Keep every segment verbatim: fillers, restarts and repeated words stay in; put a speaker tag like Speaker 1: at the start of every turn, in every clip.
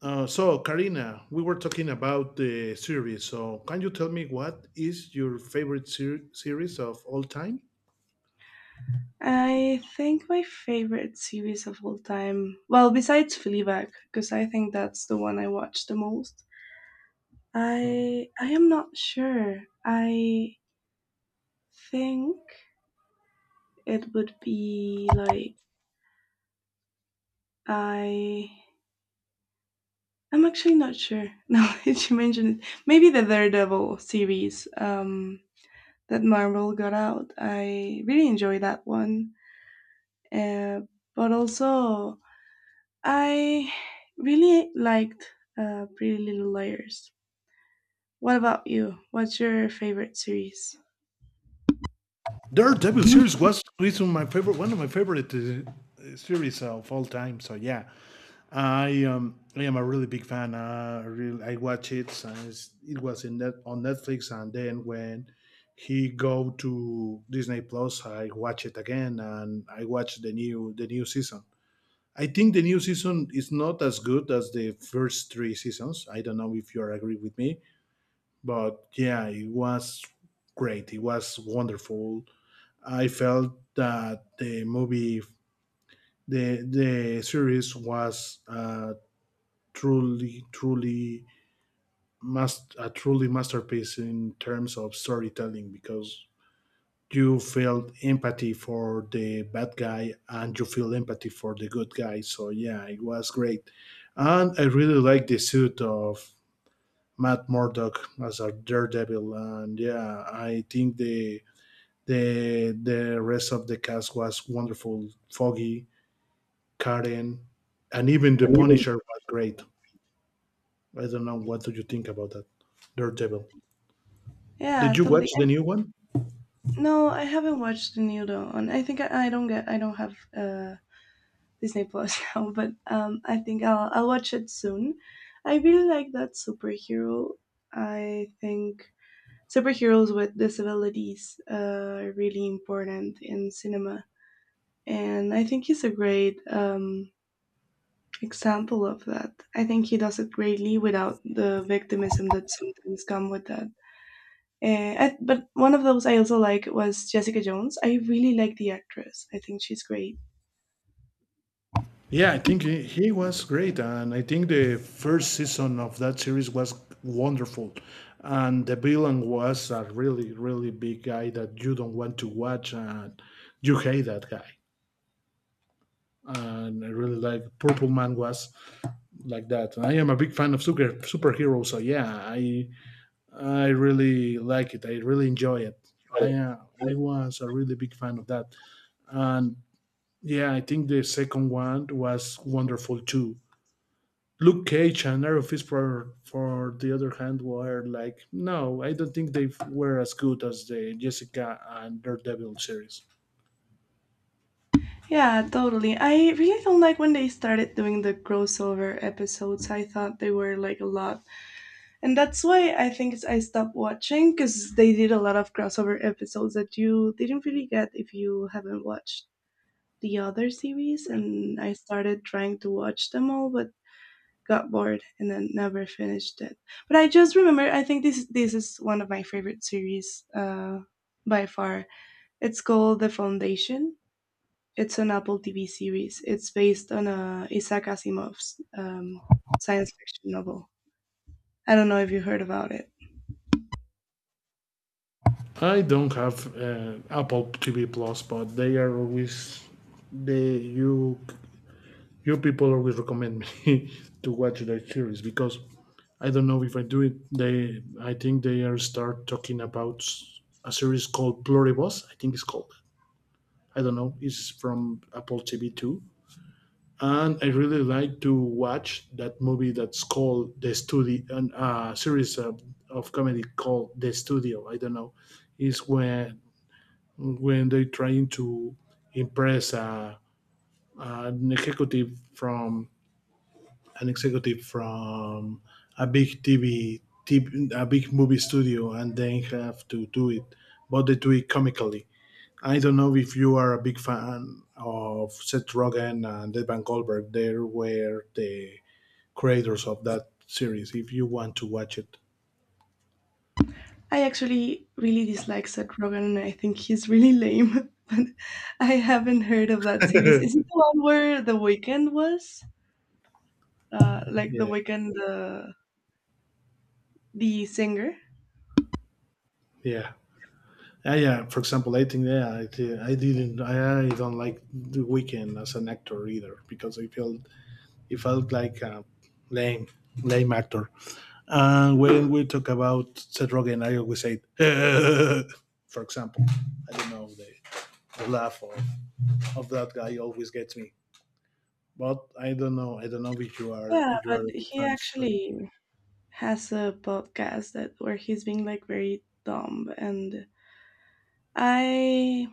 Speaker 1: Uh, so, Karina, we were talking about the series. So, can you tell me what is your favorite ser- series of all time?
Speaker 2: I think my favorite series of all time, well, besides Fleabag, because I think that's the one I watch the most.
Speaker 1: Uh,
Speaker 2: I I am not sure. I think it would be like I I'm actually not sure. Now that you mentioned it, maybe the Daredevil series um, that Marvel got out. I really enjoy that one. Uh, but also I really liked uh, Pretty Little Liars. What about you? What's your favorite series?
Speaker 1: Daredevil
Speaker 2: And
Speaker 1: series was reason my favorite, one of my favorite uh, uh, series of all time. So, yeah, I um, I am a really big fan. Uh, really, I watch it since it was in net- on Netflix, and then when he go to Disney Plus, I watch it again, and I watch the new the new season. I think the new season is not as good as the first three seasons. I don't know if you are agree with me, but yeah, it was great. It was wonderful. I felt that the movie, the the series was uh, truly, truly must a truly masterpiece in terms of storytelling because you felt empathy for the bad guy and you feel empathy for the good guy. So yeah, it was great. And I really like the suit of Matt Murdock as a daredevil. And yeah, I think the the the rest of the cast was wonderful. Foggy, Karen, and even the
Speaker 2: even
Speaker 1: Punisher was great. I don't know what do you think about that Daredevil.
Speaker 2: yeah,
Speaker 1: Did you
Speaker 2: totally.
Speaker 1: watch the new one?
Speaker 2: No, I haven't watched the new though. And I, think I, I don't get I don't have uh Disney Plus now, but um I think I'll I'll watch it soon. I really like that superhero. I think superheroes with disabilities uh, are really important in cinema. And I think he's a great um example of that. I think he does it greatly without the victimism that sometimes come with that. Eh, I, but one of those I also like was Jessica Jones. I really like the actress. I think she's great.
Speaker 1: Yeah, I think he, he was great, and I think the first season of that series was wonderful. And the villain was a really, really big guy that you don't want to watch, and you hate that guy. And I really like Purple Man was like that. And I am a big fan of super superheroes, so yeah, I I really like it. I really enjoy it. I uh, I was a really big fan of that, and yeah, I think the second one was wonderful too. Luke Cage and Iron Fist, for, for the other hand, were like, no, I don't think they were as good as the Jessica and Daredevil series.
Speaker 2: Yeah, totally. I really don't like when they started doing the crossover episodes. I thought they were like a lot. And that's why I think it's- I stopped watching because they did a lot of crossover episodes that you didn't really get if you haven't watched the other series. And I started trying to watch them all, but got bored and then never finished it. But I just remember I think this this is one of my favorite series uh, by far. It's called The Foundation. It's an Apple T V series. It's based on a Isaac Asimov's um, science fiction novel. I don't know if you heard about it.
Speaker 1: I don't have uh, Apple T V Plus, but they are always they you you people always recommend me to watch that series because I don't know if I do it. They I think they are start talking about a series called Pluribus. I think it's called. I don't know. It's from Apple T V too, and I really like to watch that movie that's called The Studio, and a series of, of comedy called The Studio. I don't know. Is when when they're trying to impress a, an executive from an executive from a big T V, a big movie studio, and then have to do it, but they do it comically. I don't know if you are a big fan of Seth Rogen and Evan Goldberg. There were the creators of that series if you want to watch it.
Speaker 2: I actually really dislike Seth Rogen, and I think he's really lame. But I haven't heard of that series. Is it the one where The Weekend was? Uh, like The
Speaker 1: yeah,
Speaker 2: Weekend, the the singer.
Speaker 1: yeah. Uh, yeah, for example, I think yeah, I, uh, I didn't, I, I don't like The Weeknd as an actor either because I felt he felt like a lame, lame actor. And uh, when we talk about Seth Rogen, I always say, for example, I don't know the, the laugh of, of that guy always gets me. But I don't know, I don't know if you are
Speaker 2: Yeah,
Speaker 1: if you
Speaker 2: but
Speaker 1: are a big
Speaker 2: he
Speaker 1: fan, so.
Speaker 2: actually has a podcast that where he's being like very dumb, and I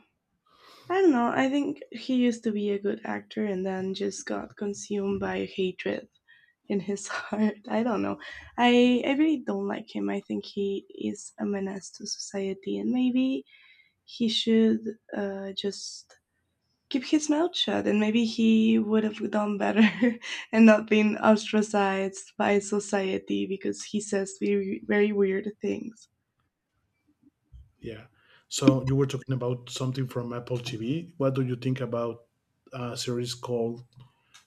Speaker 2: I don't know, I think he used to be a good actor and then just got consumed by hatred in his heart. I don't know. I I really don't like him. I think he is a menace to society, and maybe he should uh just keep his mouth shut, and maybe he would have done better and not been ostracized by society because he says very, very weird things.
Speaker 1: Yeah. So you were talking about something from Apple T V. What do you think about a series called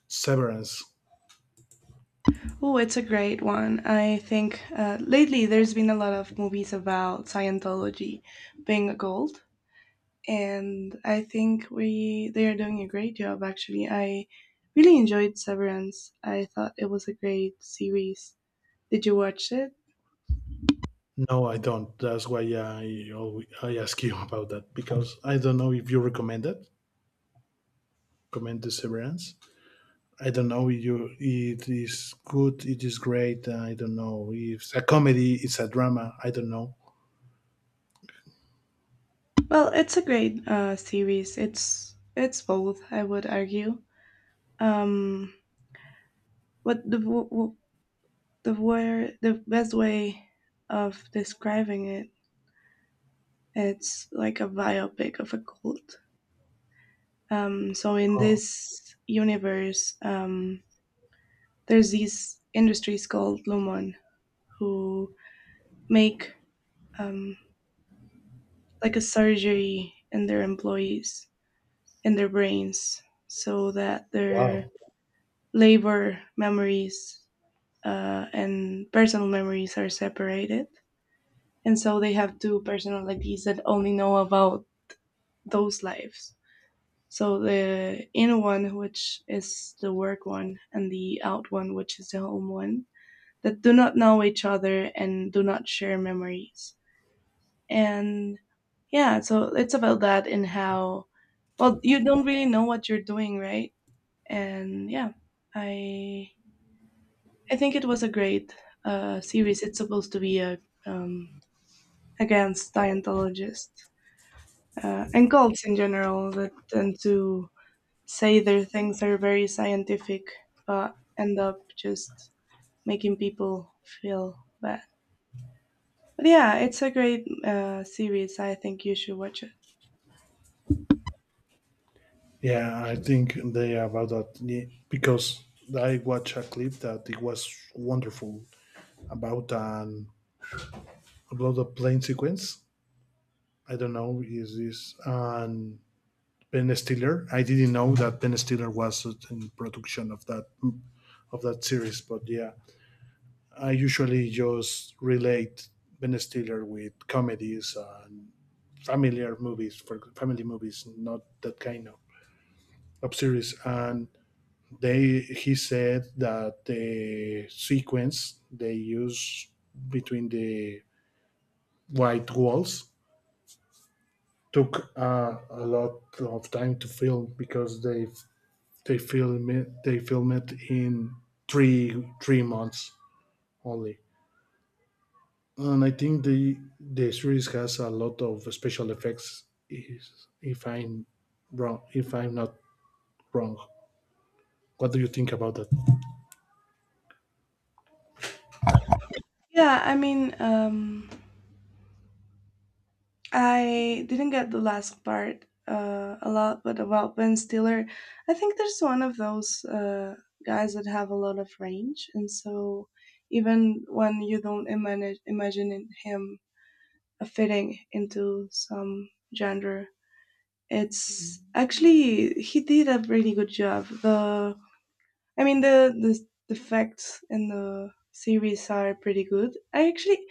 Speaker 1: Severance?
Speaker 2: Oh, it's a great one. I think uh, lately there's been a lot of movies about Scientology being a cult, and I think we they are doing a great job. Actually, I really enjoyed Severance. I thought it was a great series. Did you watch it?
Speaker 1: No, I don't. That's why I always, I ask you about that because I don't know if you recommend it. Recommend the Severance. I don't know if you it is good. It is great. I don't know if it's a comedy. It's a drama. I don't know.
Speaker 2: Well, it's a great uh, series. It's it's both, I would argue. Um, but the w- w- The word, the best way of describing it, it's like a biopic of a cult. Um, so in
Speaker 1: Oh,
Speaker 2: this universe, um, there's these industries called Lumon who make um, like a surgery in their employees in their brains so that their
Speaker 1: wow.
Speaker 2: labor memories uh, and personal memories are separated. And so they have two personalities that only know about those lives. So the in one, which is the work one, and the out one, which is the home one, that do not know each other and do not share memories. And yeah, so it's about that and how, well, you don't really know what you're doing, right? And yeah, I I think it was a great uh, series. It's supposed to be a um, against Scientologists uh, and cults in general that tend to say their things are very scientific but end up just making people feel bad. But yeah, it's a great uh, series. I think you should watch it.
Speaker 1: Yeah, I think they are about that, yeah, because I watched a clip that it was wonderful about an about the plane sequence. I don't know. Is this and Ben Stiller? I didn't know that Ben Stiller was in production of that of that series. But yeah, I usually just relate Ben Stiller with comedies and familiar movies for family movies, not that kind of, of series. And they he said that the sequence they use between the white walls took uh, a lot of time to film because they they film it they film it in three three months only, and I think the the series has a lot of special effects. Is if I'm wrong, if I'm not wrong, what do you think about that?
Speaker 2: Yeah, I mean, um, I didn't get the last part uh, a lot, but about Ben Stiller, I think there's one of those uh, guys that have a lot of range, and so even when you don't imagine imagine him fitting into some genre, it's actually he did a really good job. The I mean the the the facts in the series are pretty good. I actually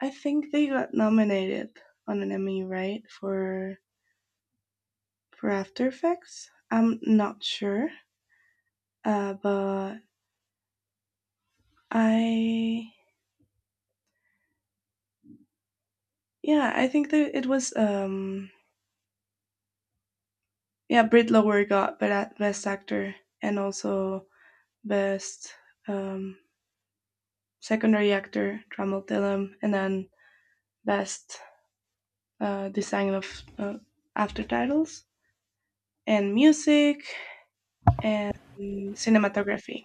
Speaker 2: I think they got nominated on an Emmy, right? For for After Effects. I'm not sure, uh, but I yeah, I think that it was um yeah Britt Lower got best actor and also best um, secondary actor Trammell Tillam, and then best uh, design of uh, after titles and music and cinematography.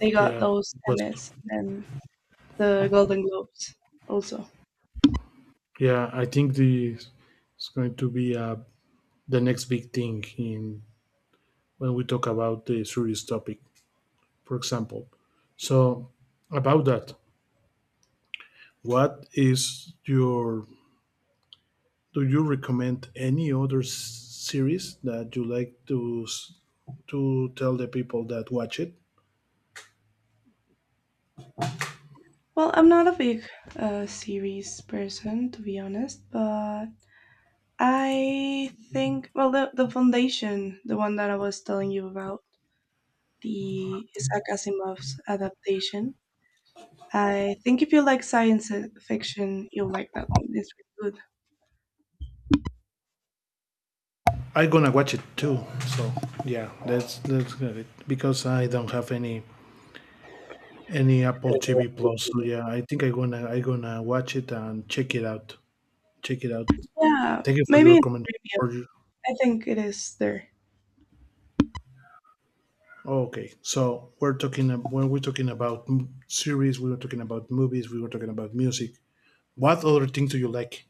Speaker 2: They got
Speaker 1: Yeah,
Speaker 2: those
Speaker 1: but
Speaker 2: Emmys and the Golden Globes also.
Speaker 1: yeah, I think the it's going to be uh, the next big thing in when we talk about the series topic, for example. So about that, What is your do you recommend any other s- series that you like to s- to tell the people that watch it?
Speaker 2: Well, I'm not a big uh, series person, to be honest, but I think, well, the, the foundation, the one that I was telling you about, the Isaac Asimov's adaptation. I think if you like science uh, fiction, you'll like that one. It's really good.
Speaker 1: I'm gonna watch it too. So yeah, that's that's good because I don't have any any Apple T V Plus. So yeah, I think I'm gonna I'm gonna watch it and check it out. Check it out.
Speaker 2: Yeah,
Speaker 1: Thank you for your
Speaker 2: maybe
Speaker 1: recommendation. For your,
Speaker 2: I think it is there.
Speaker 1: oh, okay, so we're talking ab- when we're talking about m- series, we were talking about movies, we were talking about music. What other things do you like?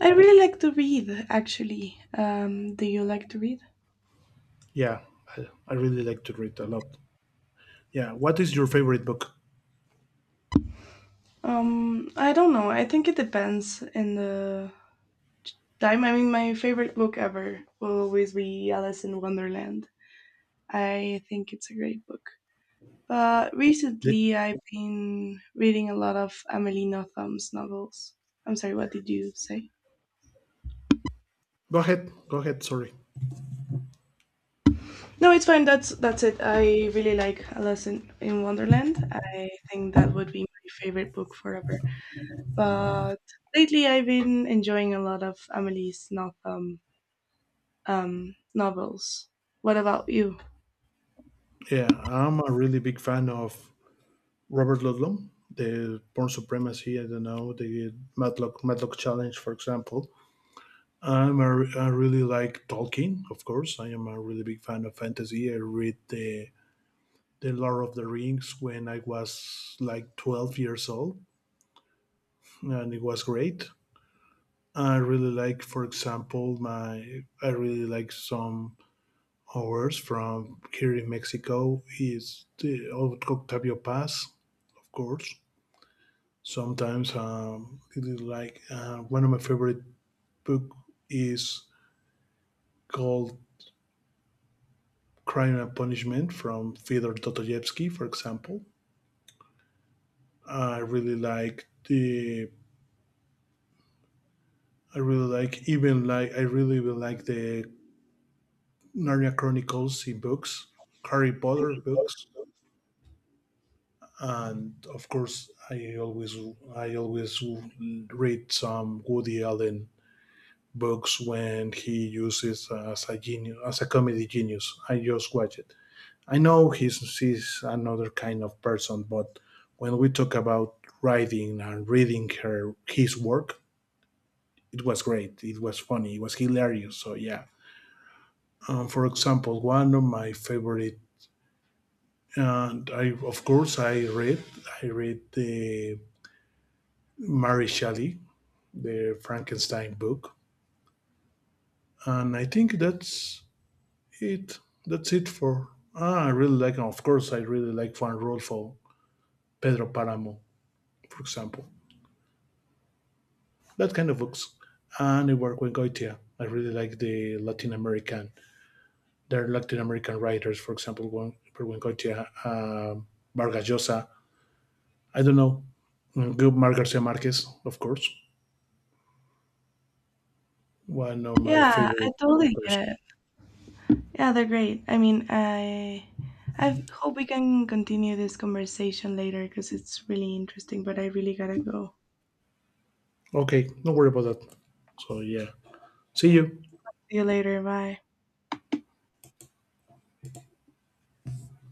Speaker 2: I really like to read, actually. Um, do you like to read?
Speaker 1: Yeah, I, I really like to read a lot. Yeah, what is your favorite book?
Speaker 2: Um, I don't know. I think it depends in the time. I mean, my favorite book ever will always be Alice in Wonderland. I think it's a great book. But
Speaker 1: The-
Speaker 2: recently, I've been reading a lot of Amelie Nottham's novels. I'm sorry, what did you say?
Speaker 1: Go ahead, go ahead. Sorry.
Speaker 2: No, it's fine. That's that's it. I really like Alice in, in Wonderland. I think that would be my favorite book forever. But lately, I've been enjoying a lot of Amelie's Notham um, novels. What about you?
Speaker 1: Yeah, I'm a really big fan of Robert Ludlum, the Born Supremacy. I don't know the Matlock Matlock Challenge, for example. I'm a, I really like Tolkien, of course. I am a really big fan of fantasy. I read the the Lord of the Rings when I was like twelve years old, and it was great. I really like, for example, my I really like some hours from here in Mexico is the Octavio Paz, of course. Sometimes um, it is like uh, one of my favorite book is called Crime and Punishment from Fyodor Dostoevsky, for example. I really like the I really like even like I really will like the Narnia Chronicles in books, Harry Potter books. And of course, i always I always read some Woody Allen books when he uses as a genius as a comedy genius. I just watch it. I know he's, he's another kind of person. But when we talk about writing and reading her his work, it was great, it was funny, it was hilarious, so yeah. Um, for example, one of my favorite, and I of course, i read I read the Mary Shelley, the Frankenstein book, and I think that's it. That's it for. Ah, I really like, and of course, I really like Juan Rulfo, Pedro Paramo, for example, that kind of books, and I work with Goitia. I really like the Latin American. There are Latin American writers, for example, Juan Juan Goitia, uh, Vargas Llosa. I don't know. Gilmar Garcia Marquez, of course, one of my
Speaker 2: Yeah, I
Speaker 1: favorite
Speaker 2: totally
Speaker 1: authors.
Speaker 2: get it. Yeah, they're great. I mean, I I hope we can continue this conversation later because it's really interesting, but I really gotta go.
Speaker 1: Okay, don't worry about that. So yeah, see you.
Speaker 2: See you later. Bye.